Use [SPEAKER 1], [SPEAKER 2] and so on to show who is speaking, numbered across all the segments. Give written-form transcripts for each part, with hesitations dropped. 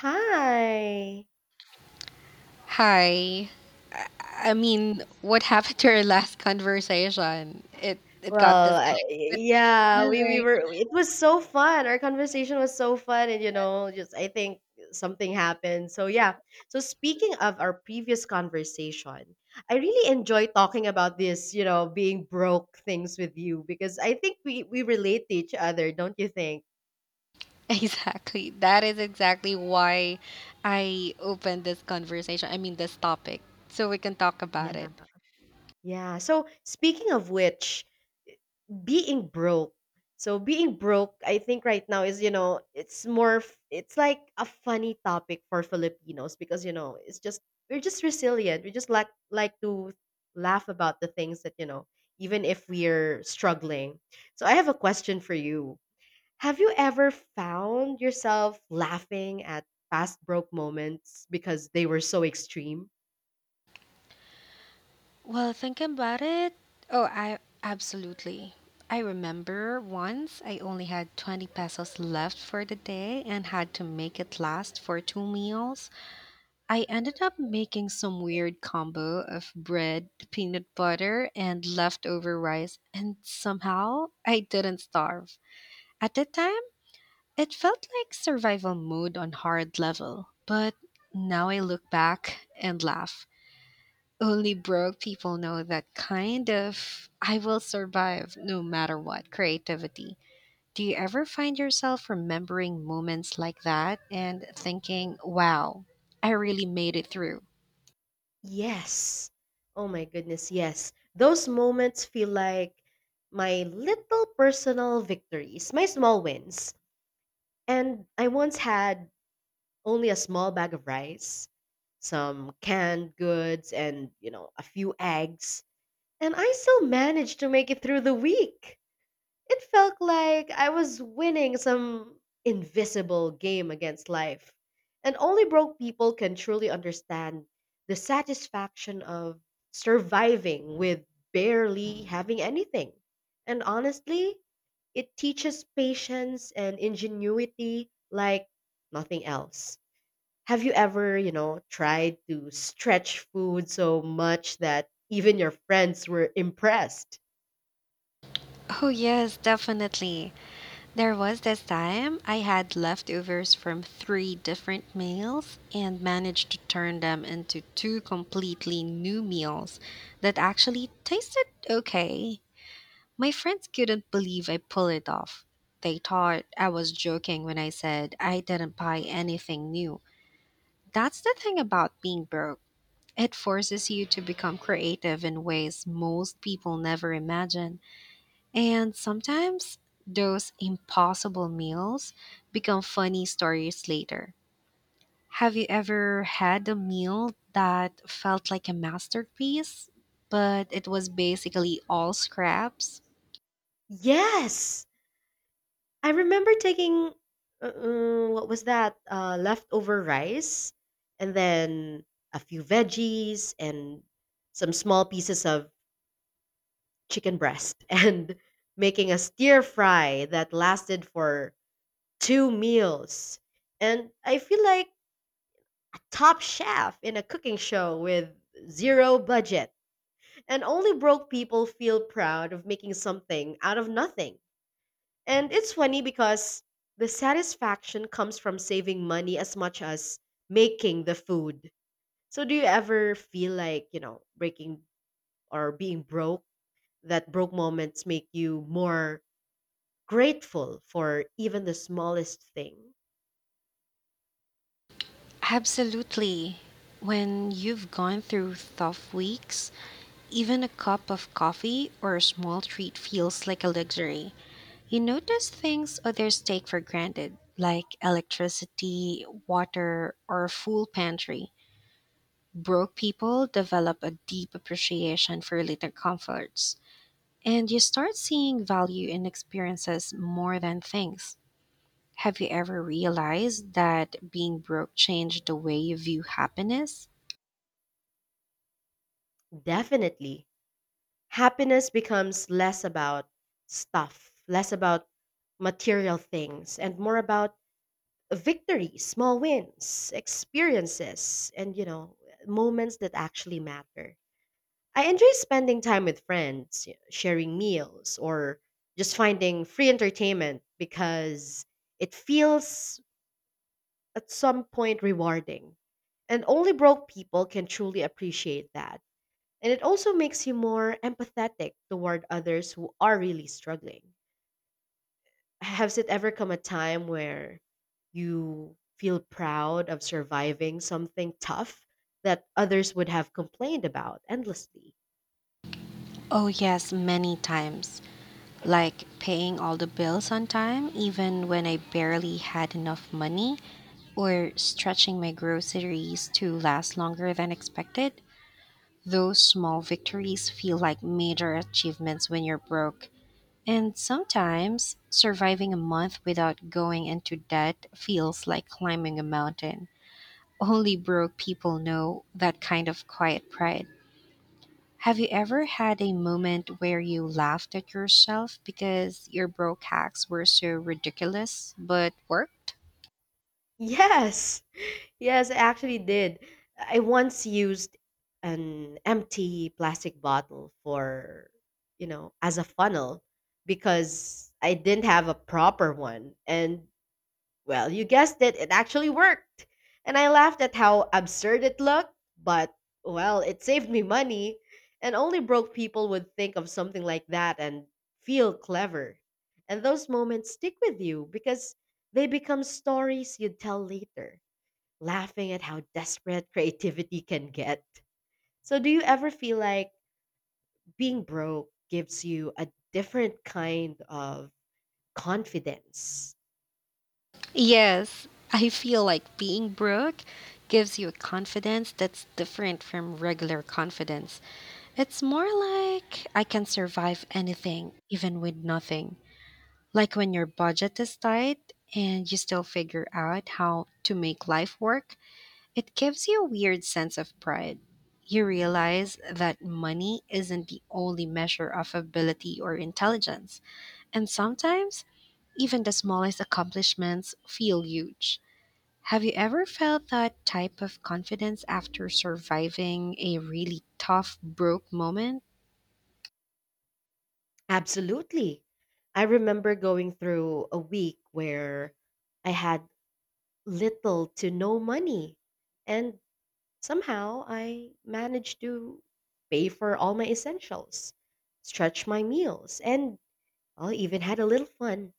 [SPEAKER 1] Hi.
[SPEAKER 2] Hi. I I mean, what happened to our last conversation? It got
[SPEAKER 1] Well,
[SPEAKER 2] disconnected. But
[SPEAKER 1] yeah,
[SPEAKER 2] anyway,
[SPEAKER 1] it was so fun. Our conversation was so fun. And just I think something happened. So, yeah. So, speaking of our previous conversation, I really enjoy talking about this, being broke things with you because I think we relate to each other, don't you think?
[SPEAKER 2] exactly. That is exactly why I opened this conversation. I mean, this topic, so we can talk about
[SPEAKER 1] Yeah.
[SPEAKER 2] it.
[SPEAKER 1] Yeah. So, speaking of which, being broke. So being broke, I think right now is, it's like a funny topic for Filipinos because, it's just we're just resilient. We just like to laugh about the things that, even if we're struggling. So I have a question for you. Have you ever found yourself laughing at past broke moments because they were so extreme?
[SPEAKER 2] Well, thinking about it, oh, I absolutely. I remember once I only had 20 pesos left for the day and had to make it last for two meals. I ended up making some weird combo of bread, peanut butter, and leftover rice, and somehow I didn't starve. At the time, it felt like survival mode on hard level, but now I look back and laugh. Only broke people know that kind of I will survive no matter what creativity. Do you ever find yourself remembering moments like that and thinking, wow, I really made it through?
[SPEAKER 1] Yes. Oh my goodness, yes. Those moments feel like my little personal victories, my small wins. And I once had only a small bag of rice, some canned goods, and, a few eggs. And I still managed to make it through the week. It felt like I was winning some invisible game against life. And only broke people can truly understand the satisfaction of surviving with barely having anything. And honestly, it teaches patience and ingenuity like nothing else. Have you ever, tried to stretch food so much that even your friends were impressed?
[SPEAKER 2] Oh, yes, definitely. There was this time I had leftovers from three different meals and managed to turn them into two completely new meals that actually tasted okay. My friends couldn't believe I pulled it off. They thought I was joking when I said I didn't buy anything new. That's the thing about being broke. It forces you to become creative in ways most people never imagine. And sometimes those impossible meals become funny stories later. Have you ever had a meal that felt like a masterpiece, but it was basically all scraps?
[SPEAKER 1] Yes! I remember taking what was that? Leftover rice and then a few veggies and some small pieces of chicken breast and making a stir fry that lasted for two meals. And I feel like a top chef in a cooking show with zero budget. And only broke people feel proud of making something out of nothing. And it's funny because the satisfaction comes from saving money as much as making the food. So do you ever feel like, breaking or being broke, that broke moments make you more grateful for even the smallest thing?
[SPEAKER 2] Absolutely. When you've gone through tough weeks, even a cup of coffee or a small treat feels like a luxury. You notice things others take for granted, like electricity, water, or a full pantry. Broke people develop a deep appreciation for little comforts, and you start seeing value in experiences more than things. Have you ever realized that being broke changed the way you view happiness?
[SPEAKER 1] Definitely. Happiness becomes less about stuff, less about material things, and more about victories, small wins, experiences, and moments that actually matter. I enjoy spending time with friends, sharing meals, or just finding free entertainment because it feels at some point rewarding. And only broke people can truly appreciate that. And it also makes you more empathetic toward others who are really struggling. Has it ever come a time where you feel proud of surviving something tough that others would have complained about endlessly?
[SPEAKER 2] Oh, yes, many times. Like paying all the bills on time, even when I barely had enough money, or stretching my groceries to last longer than expected. Those small victories feel like major achievements when you're broke. And sometimes surviving a month without going into debt feels like climbing a mountain. Only broke people know that kind of quiet pride. Have you ever had a moment where you laughed at yourself because your broke hacks were so ridiculous but worked?
[SPEAKER 1] Yes, yes, I actually did. I once used an empty plastic bottle for, as a funnel because I didn't have a proper one. And well, you guessed it, it actually worked. And I laughed at how absurd it looked, but well, it saved me money, and only broke people would think of something like that and feel clever. And those moments stick with you because they become stories you'd tell later, laughing at how desperate creativity can get. So, do you ever feel like being broke gives you a different kind of confidence?
[SPEAKER 2] Yes, I feel like being broke gives you a confidence that's different from regular confidence. It's more like I can survive anything, even with nothing. Like when your budget is tight and you still figure out how to make life work. It gives you a weird sense of pride. You realize that money isn't the only measure of ability or intelligence, and sometimes even the smallest accomplishments feel huge. Have you ever felt that type of confidence after surviving a really tough, broke moment?
[SPEAKER 1] Absolutely. I remember going through a week where I had little to no money, and somehow I managed to pay for all my essentials, stretch my meals, and I even had a little fun.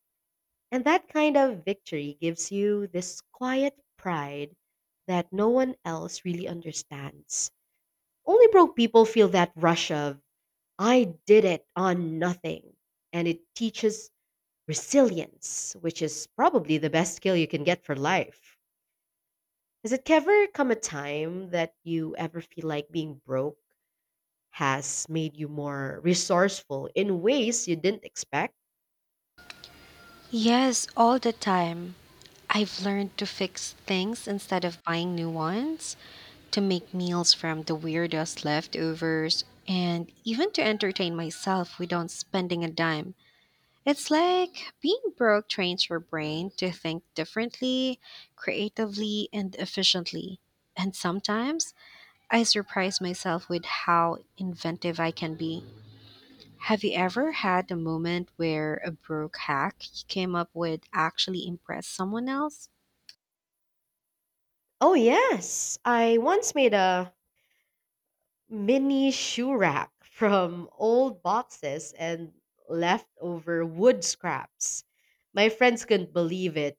[SPEAKER 1] And that kind of victory gives you this quiet pride that no one else really understands. Only broke people feel that rush of, I did it on nothing. And it teaches resilience, which is probably the best skill you can get for life. Has it ever come a time that you ever feel like being broke has made you more resourceful in ways you didn't expect?
[SPEAKER 2] Yes, all the time. I've learned to fix things instead of buying new ones, to make meals from the weirdest leftovers, and even to entertain myself without spending a dime. It's like being broke trains your brain to think differently, creatively, and efficiently. And sometimes I surprise myself with how inventive I can be. Have you ever had a moment where a broke hack you came up with actually impressed someone else?
[SPEAKER 1] Oh, yes. I once made a mini shoe rack from old boxes and leftover wood scraps. My friends couldn't believe it,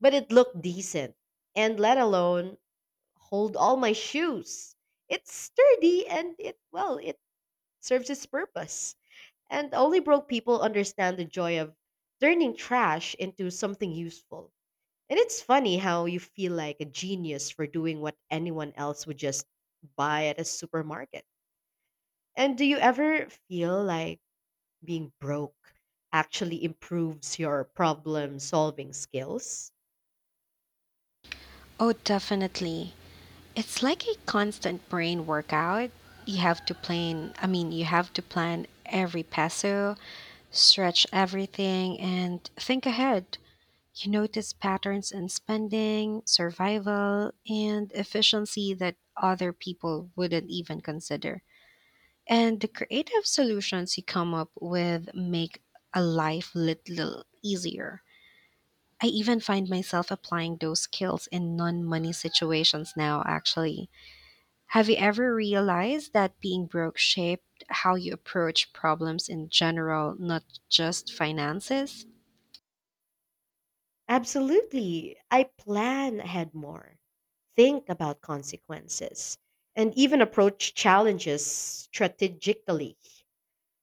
[SPEAKER 1] but it looked decent. And let alone hold all my shoes. It's sturdy and well, it serves its purpose. And only broke people understand the joy of turning trash into something useful. And it's funny how you feel like a genius for doing what anyone else would just buy at a supermarket. And do you ever feel like being broke actually improves your problem solving skills?
[SPEAKER 2] Oh, definitely. It's like a constant brain workout. You have to plan every peso, stretch everything, and think ahead. You notice patterns in spending, survival, and efficiency that other people wouldn't even consider. And the creative solutions you come up with make a life little easier. I even find myself applying those skills in non money situations now, actually. Have you ever realized that being broke shaped how you approach problems in general, not just finances?
[SPEAKER 1] Absolutely. I plan ahead more, think about consequences, and even approach challenges strategically.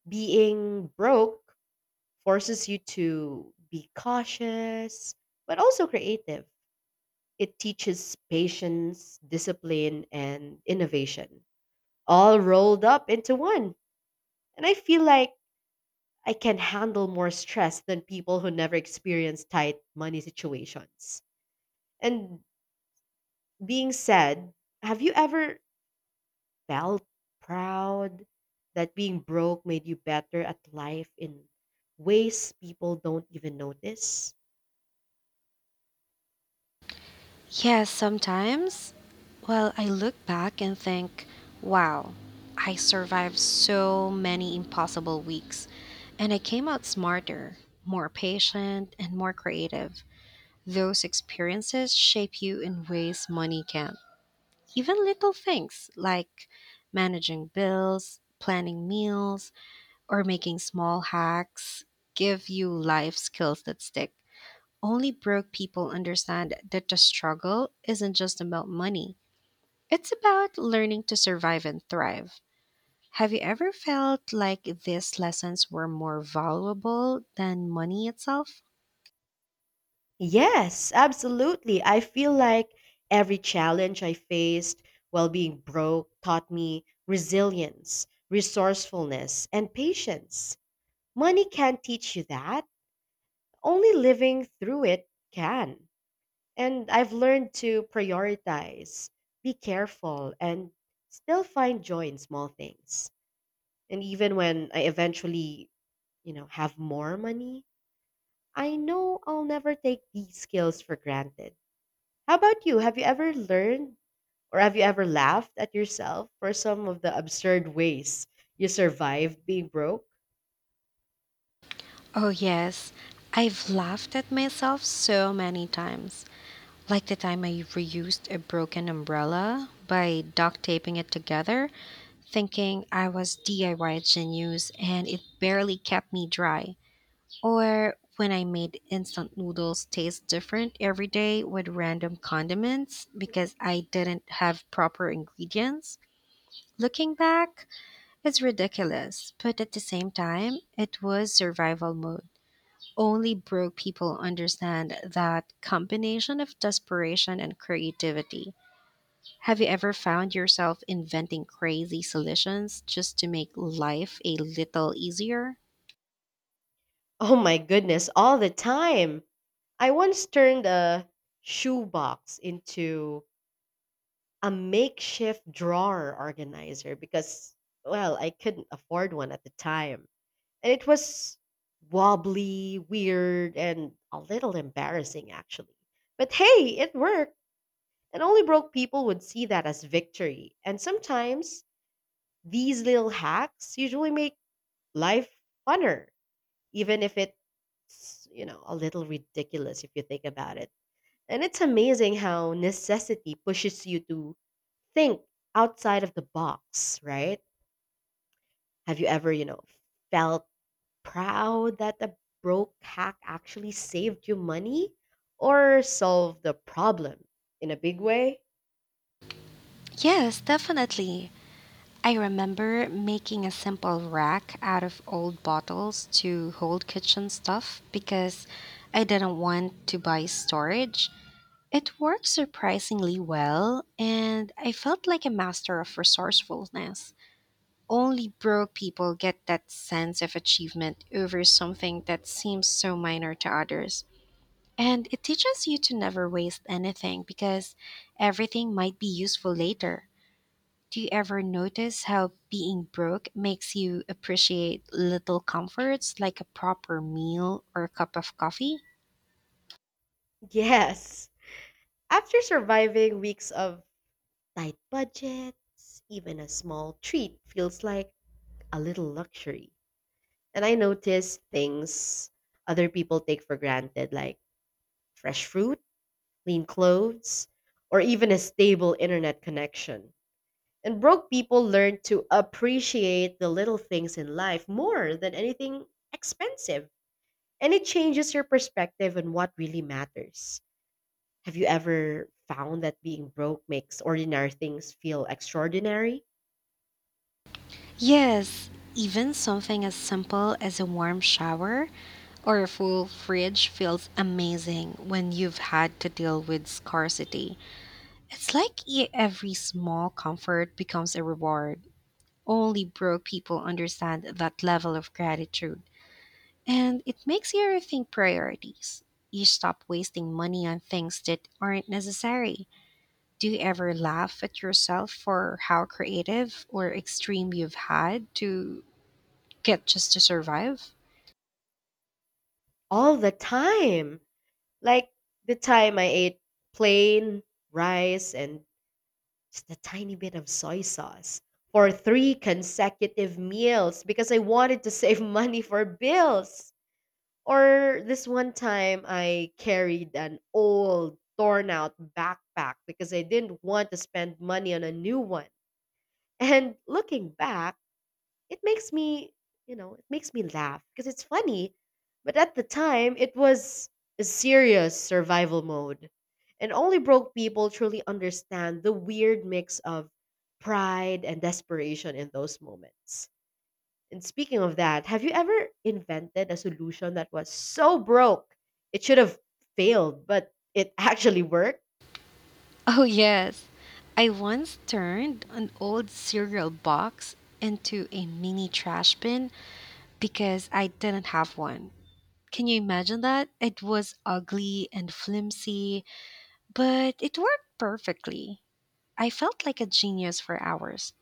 [SPEAKER 1] Being broke forces you to be cautious, but also creative. It teaches patience, discipline, and innovation, all rolled up into one. And I feel like I can handle more stress than people who never experience tight money situations. And being said, have you ever felt proud that being broke made you better at life in ways people don't even notice?
[SPEAKER 2] Yes, sometimes. Well, I look back and think, wow, I survived so many impossible weeks. And I came out smarter, more patient, and more creative. Those experiences shape you in ways money can't. Even little things like managing bills, planning meals, or making small hacks give you life skills that stick. Only broke people understand that the struggle isn't just about money, it's about learning to survive and thrive. Have you ever felt like these lessons were more valuable than money itself?
[SPEAKER 1] Yes, absolutely. I feel like every challenge I faced while being broke taught me resilience, resourcefulness, and patience. Money can't teach you that. Only living through it can. And I've learned to prioritize, be careful, and still find joy in small things. And even when I eventually, have more money, I know I'll never take these skills for granted. How about you? Have you ever learned or have you ever laughed at yourself for some of the absurd ways you survived being broke?
[SPEAKER 2] Oh, yes. I've laughed at myself so many times. Like the time I reused a broken umbrella by duct taping it together, thinking I was DIY genius and it barely kept me dry. Or when I made instant noodles taste different every day with random condiments because I didn't have proper ingredients. Looking back, it's ridiculous, but at the same time, it was survival mode. Only broke people understand that combination of desperation and creativity. Have you ever found yourself inventing crazy solutions just to make life a little easier?
[SPEAKER 1] Oh my goodness, all the time. I once turned a shoebox into a makeshift drawer organizer because, well, I couldn't afford one at the time. And it was wobbly, weird, and a little embarrassing, actually. But hey, it worked. And only broke people would see that as victory. And sometimes these little hacks usually make life funner, even if it's, a little ridiculous if you think about it. And it's amazing how necessity pushes you to think outside of the box, right? Have you ever, felt proud that a broke hack actually saved you money or solved the problem in a big way?
[SPEAKER 2] Yes, definitely. I remember making a simple rack out of old bottles to hold kitchen stuff because I didn't want to buy storage. It worked surprisingly well, and I felt like a master of resourcefulness. Only broke people get that sense of achievement over something that seems so minor to others. And it teaches you to never waste anything because everything might be useful later. Do you ever notice how being broke makes you appreciate little comforts like a proper meal or a cup of coffee?
[SPEAKER 1] Yes. After surviving weeks of tight budgets, even a small treat feels like a little luxury. And I noticed things other people take for granted, like fresh fruit, clean clothes, or even a stable internet connection. And broke people learn to appreciate the little things in life more than anything expensive. And it changes your perspective on what really matters. Have you ever found that being broke makes ordinary things feel extraordinary?
[SPEAKER 2] Yes, even something as simple as a warm shower or a full fridge feels amazing when you've had to deal with scarcity. It's like every small comfort becomes a reward. Only broke people understand that level of gratitude. And it makes you rethink priorities. You stop wasting money on things that aren't necessary. Do you ever laugh at yourself for how creative or extreme you've had to get just to survive?
[SPEAKER 1] All the time. Like the time I ate plain rice and just a tiny bit of soy sauce for three consecutive meals because I wanted to save money for bills. Or this one time I carried an old torn out backpack because I didn't want to spend money on a new one. And looking back, it makes me, it makes me laugh because it's funny. But at the time, it was a serious survival mode. And only broke people truly understand the weird mix of pride and desperation in those moments. And speaking of that, have you ever invented a solution that was so broke it should have failed, but it actually worked?
[SPEAKER 2] Oh, yes. I once turned an old cereal box into a mini trash bin because I didn't have one. Can you imagine that? It was ugly and flimsy, but it worked perfectly. I felt like a genius for hours.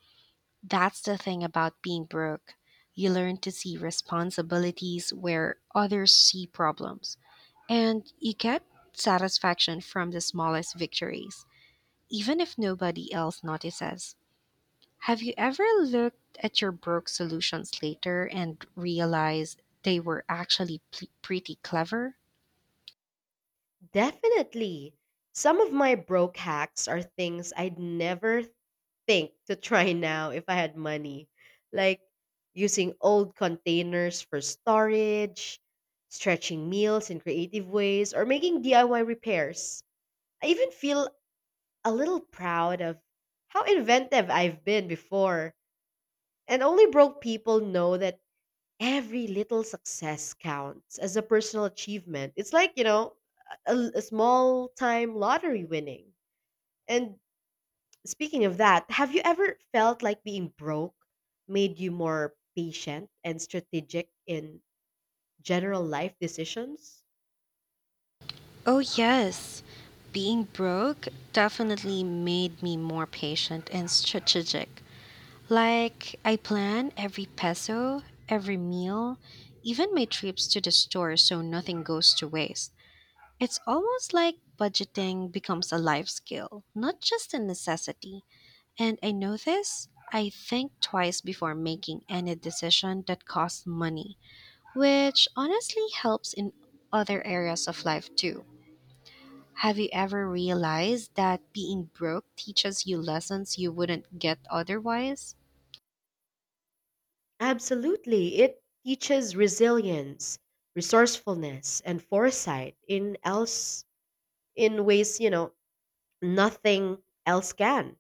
[SPEAKER 2] That's the thing about being broke. You learn to see responsibilities where others see problems, and you get satisfaction from the smallest victories, even if nobody else notices. Have you ever looked at your broke solutions later and realized they were actually pretty clever?
[SPEAKER 1] Definitely. Some of my broke hacks are things I'd never think to try now if I had money, like using old containers for storage, stretching meals in creative ways, or making DIY repairs. I even feel a little proud of how inventive I've been before. And only broke people know that every little success counts as a personal achievement. It's like, a small time lottery winning. And speaking of that, have you ever felt like being broke made you more patient and strategic in general life decisions?
[SPEAKER 2] Oh, yes. Being broke definitely made me more patient and strategic. Like, I plan every peso, every meal, even my trips to the store so nothing goes to waste. It's almost like budgeting becomes a life skill, not just a necessity. And I know this, I think twice before making any decision that costs money, which honestly helps in other areas of life too. Have you ever realized that being broke teaches you lessons you wouldn't get otherwise?
[SPEAKER 1] Absolutely. It teaches resilience, resourcefulness, and foresight in ways, nothing else can.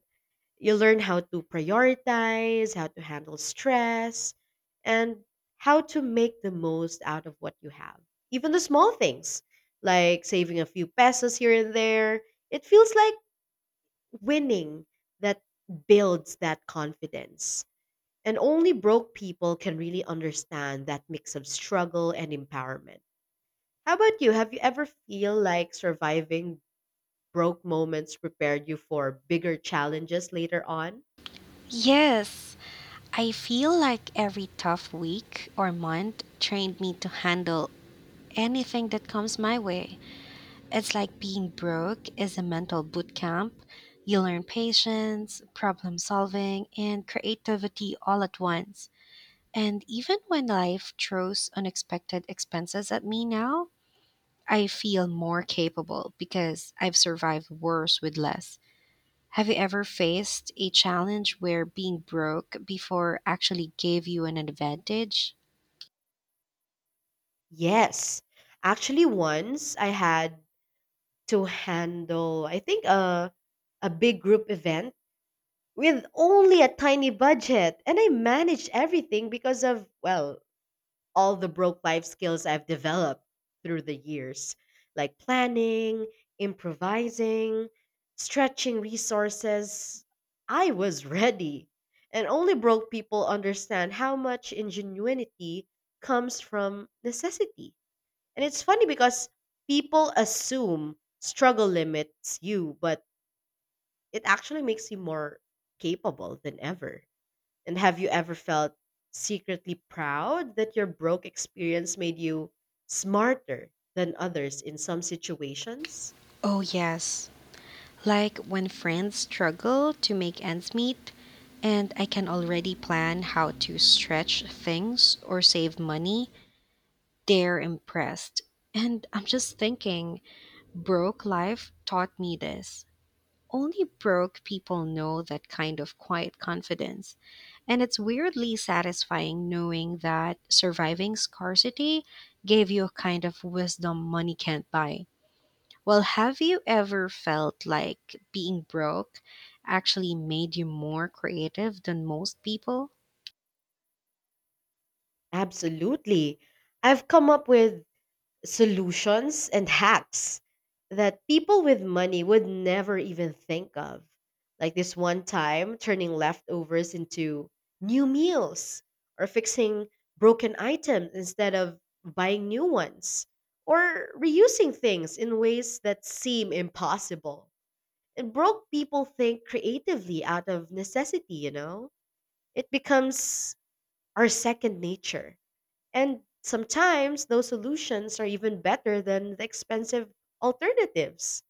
[SPEAKER 1] You learn how to prioritize, how to handle stress, and how to make the most out of what you have. Even the small things, like saving a few pesos here and there, it feels like winning that builds that confidence. And only broke people can really understand that mix of struggle and empowerment. How about you? Have you ever feel like surviving broke moments prepared you for bigger challenges later on?
[SPEAKER 2] Yes, I feel like every tough week or month trained me to handle anything that comes my way. It's like being broke is a mental boot camp. You learn patience, problem solving, and creativity all at once. And even when life throws unexpected expenses at me now, I feel more capable because I've survived worse with less. Have you ever faced a challenge where being broke before actually gave you an advantage?
[SPEAKER 1] Yes. Actually, once I had to handle, I think, a big group event with only a tiny budget. And I managed everything because of, well, all the broke life skills I've developed through the years, like planning, improvising, stretching resources. I was ready. And only broke people understand how much ingenuity comes from necessity. And it's funny because people assume struggle limits you, but it actually makes you more capable than ever. And have you ever felt secretly proud that your broke experience made you smarter than others in some situations?
[SPEAKER 2] Oh, yes. Like when friends struggle to make ends meet, and I can already plan how to stretch things or save money, they're impressed. And I'm just thinking, broke life taught me this. Only broke people know that kind of quiet confidence. And it's weirdly satisfying knowing that surviving scarcity gave you a kind of wisdom money can't buy. Well, have you ever felt like being broke actually made you more creative than most people?
[SPEAKER 1] Absolutely. I've come up with solutions and hacks that people with money would never even think of. Like this one time, turning leftovers into new meals or fixing broken items instead of buying new ones or reusing things in ways that seem impossible. And broke people think creatively out of necessity, you know? It becomes our second nature. And sometimes those solutions are even better than the expensive alternatives.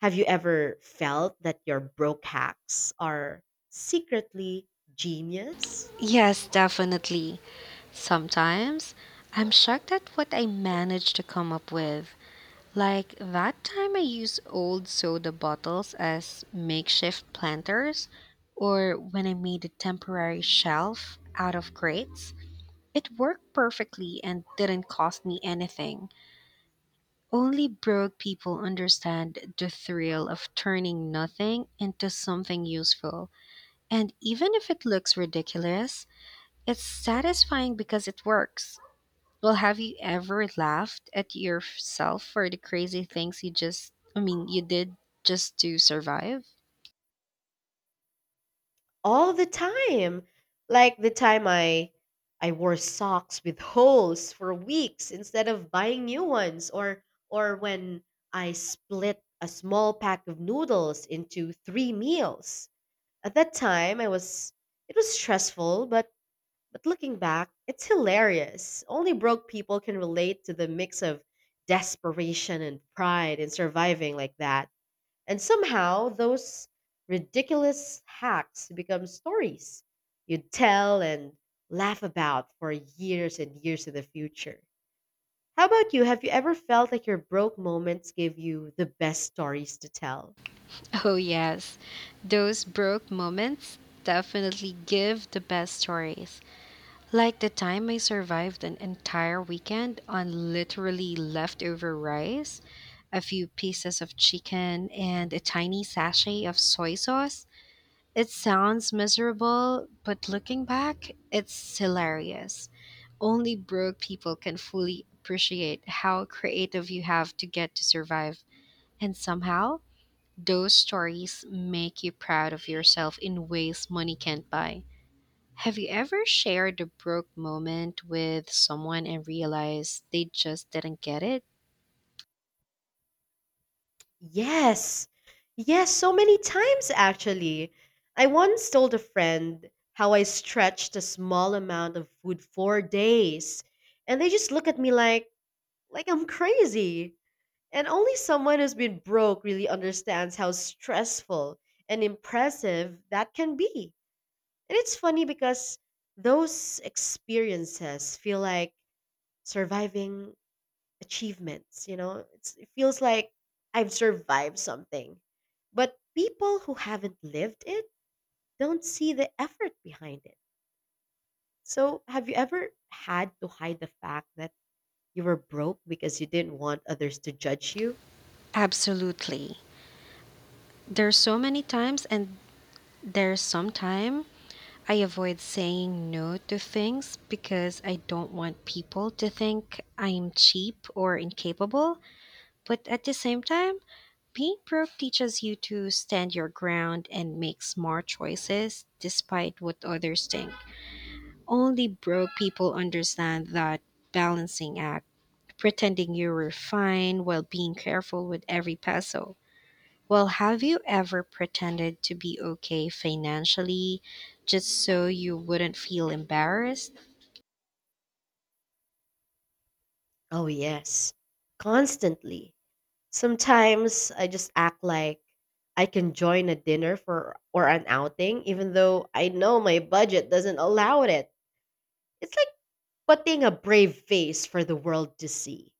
[SPEAKER 1] Have you ever felt that your broke hacks are secretly genius?
[SPEAKER 2] Yes, definitely. Sometimes I'm shocked at what I managed to come up with. Like that time I used old soda bottles as makeshift planters, or when I made a temporary shelf out of crates. It worked perfectly and didn't cost me anything. Only broke people understand the thrill of turning nothing into something useful. And even if it looks ridiculous, it's satisfying because it works. Well, have you ever laughed at yourself for the crazy things you did just to survive?
[SPEAKER 1] All the time. Like the time I wore socks with holes for weeks instead of buying new ones, or when I split a small pack of noodles into 3 meals. At that time I was it was stressful, but looking back, it's hilarious. Only broke people can relate to the mix of desperation and pride in surviving like that. And somehow those ridiculous hacks become stories you'd tell and laugh about for years and years in the future. How about you? Have you ever felt like your broke moments gave you the best stories to tell?
[SPEAKER 2] Oh, yes. Those broke moments definitely give the best stories. Like the time I survived an entire weekend on literally leftover rice, a few pieces of chicken, and a tiny sachet of soy sauce. It sounds miserable, but looking back, it's hilarious. Only broke people can fully appreciate how creative you have to get to survive. And somehow, those stories make you proud of yourself in ways money can't buy. Have you ever shared a broke moment with someone and realized they just didn't get it?
[SPEAKER 1] Yes. Yes, so many times actually. I once told a friend how I stretched a small amount of food for days, and they just look at me like I'm crazy. And only someone who's been broke really understands how stressful and impressive that can be. And it's funny because those experiences feel like surviving achievements, you know? It feels like I've survived something. But people who haven't lived it don't see the effort behind it. So, have you ever had to hide the fact that you were broke because you didn't want others to judge you?
[SPEAKER 2] Absolutely. There's so many times and there's some time I avoid saying no to things because I don't want people to think I'm cheap or incapable. But at the same time, being broke teaches you to stand your ground and make smart choices despite what others think. Only broke people understand that balancing act, pretending you're fine while being careful with every peso. Well, have you ever pretended to be okay financially just so you wouldn't feel embarrassed?
[SPEAKER 1] Oh, yes, constantly. Sometimes I just act like I can join a dinner for or an outing even though I know my budget doesn't allow it. It's like putting a brave face for the world to see.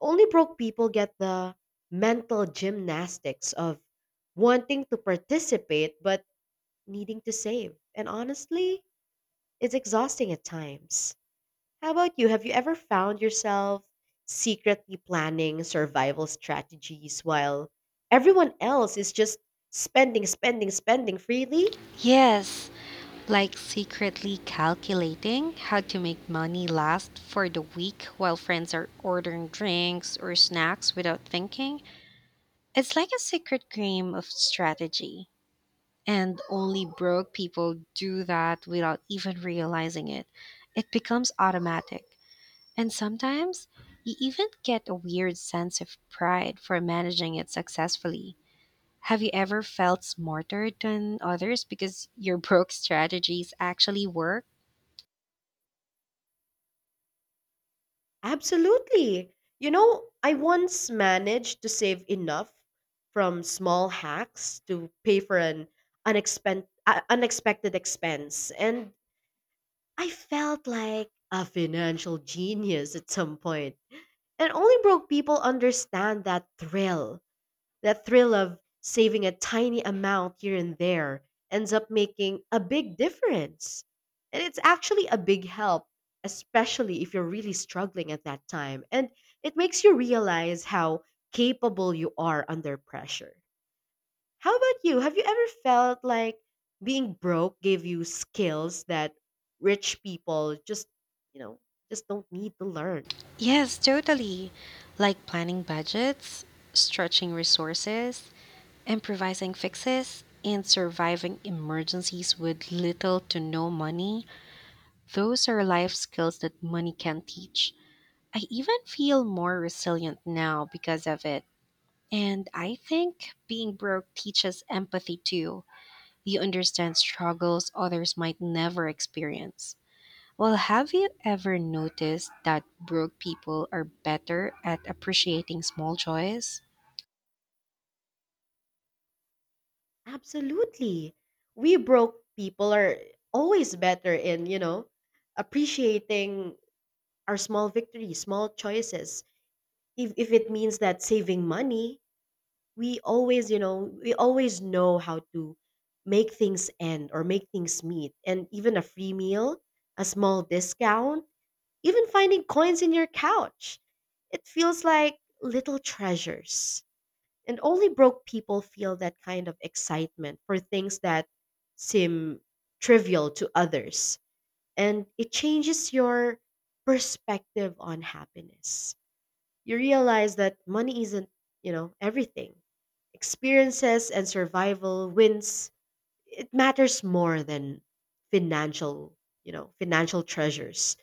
[SPEAKER 1] Only broke people get the mental gymnastics of wanting to participate but needing to save. And honestly, it's exhausting at times. How about you? Have you ever found yourself secretly planning survival strategies while everyone else is just spending, spending, spending freely?
[SPEAKER 2] Yes, like secretly calculating how to make money last for the week while friends are ordering drinks or snacks without thinking. It's like a secret game of strategy, and only broke people do that without even realizing it. It becomes automatic. And sometimes you even get a weird sense of pride for managing it successfully. Have you ever felt smarter than others because your broke strategies actually work?
[SPEAKER 1] Absolutely. You know, I once managed to save enough from small hacks to pay for an unexpected expense, and I felt like a financial genius at some point. And only broke people understand that thrill. That thrill of saving a tiny amount here and there ends up making a big difference. And it's actually a big help, especially if you're really struggling at that time. And it makes you realize how capable you are under pressure. How about you? Have you ever felt like being broke gave you skills that rich people you know, just don't need to learn?
[SPEAKER 2] Yes, totally. Like planning budgets, stretching resources, improvising fixes, and surviving emergencies with little to no money. Those are life skills that money can't teach. I even feel more resilient now because of it. And I think being broke teaches empathy too. You understand struggles others might never experience. Well, have you ever noticed that broke people are better at appreciating small joys?
[SPEAKER 1] Absolutely. We broke people are always better in, appreciating our small victories, small choices. If it means that saving money, we always, we always know how to make things end or make things meet. And even a free meal, a small discount, even finding coins in your couch. It feels like little treasures. And only broke people feel that kind of excitement for things that seem trivial to others. And it changes your perspective on happiness. You realize that money isn't everything. Experiences and survival wins, it matters more than financial, financial treasures.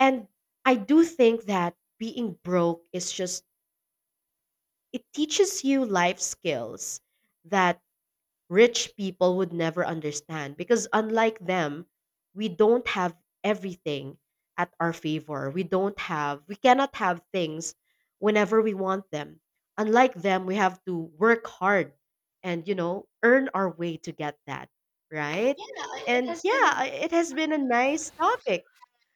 [SPEAKER 1] And I do think that being broke is just, it teaches you life skills that rich people would never understand, because unlike them we don't have everything at our favor. We cannot have things whenever we want them. Unlike them, we have to work hard and, you know, earn our way to get that, right? And yeah, I- it has been a nice topic,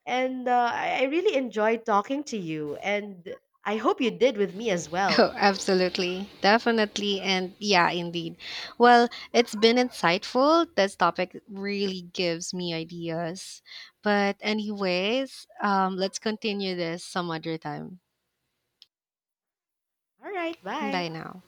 [SPEAKER 1] and I really enjoyed talking to you, and I hope you did with me as
[SPEAKER 2] Oh,
[SPEAKER 1] well.
[SPEAKER 2] absolutely. Definitely. And yeah, indeed. Well, it's been insightful. This topic really gives me ideas. But, anyways, let's continue this some other time.
[SPEAKER 1] All right,
[SPEAKER 2] Bye
[SPEAKER 1] bye.
[SPEAKER 2] now.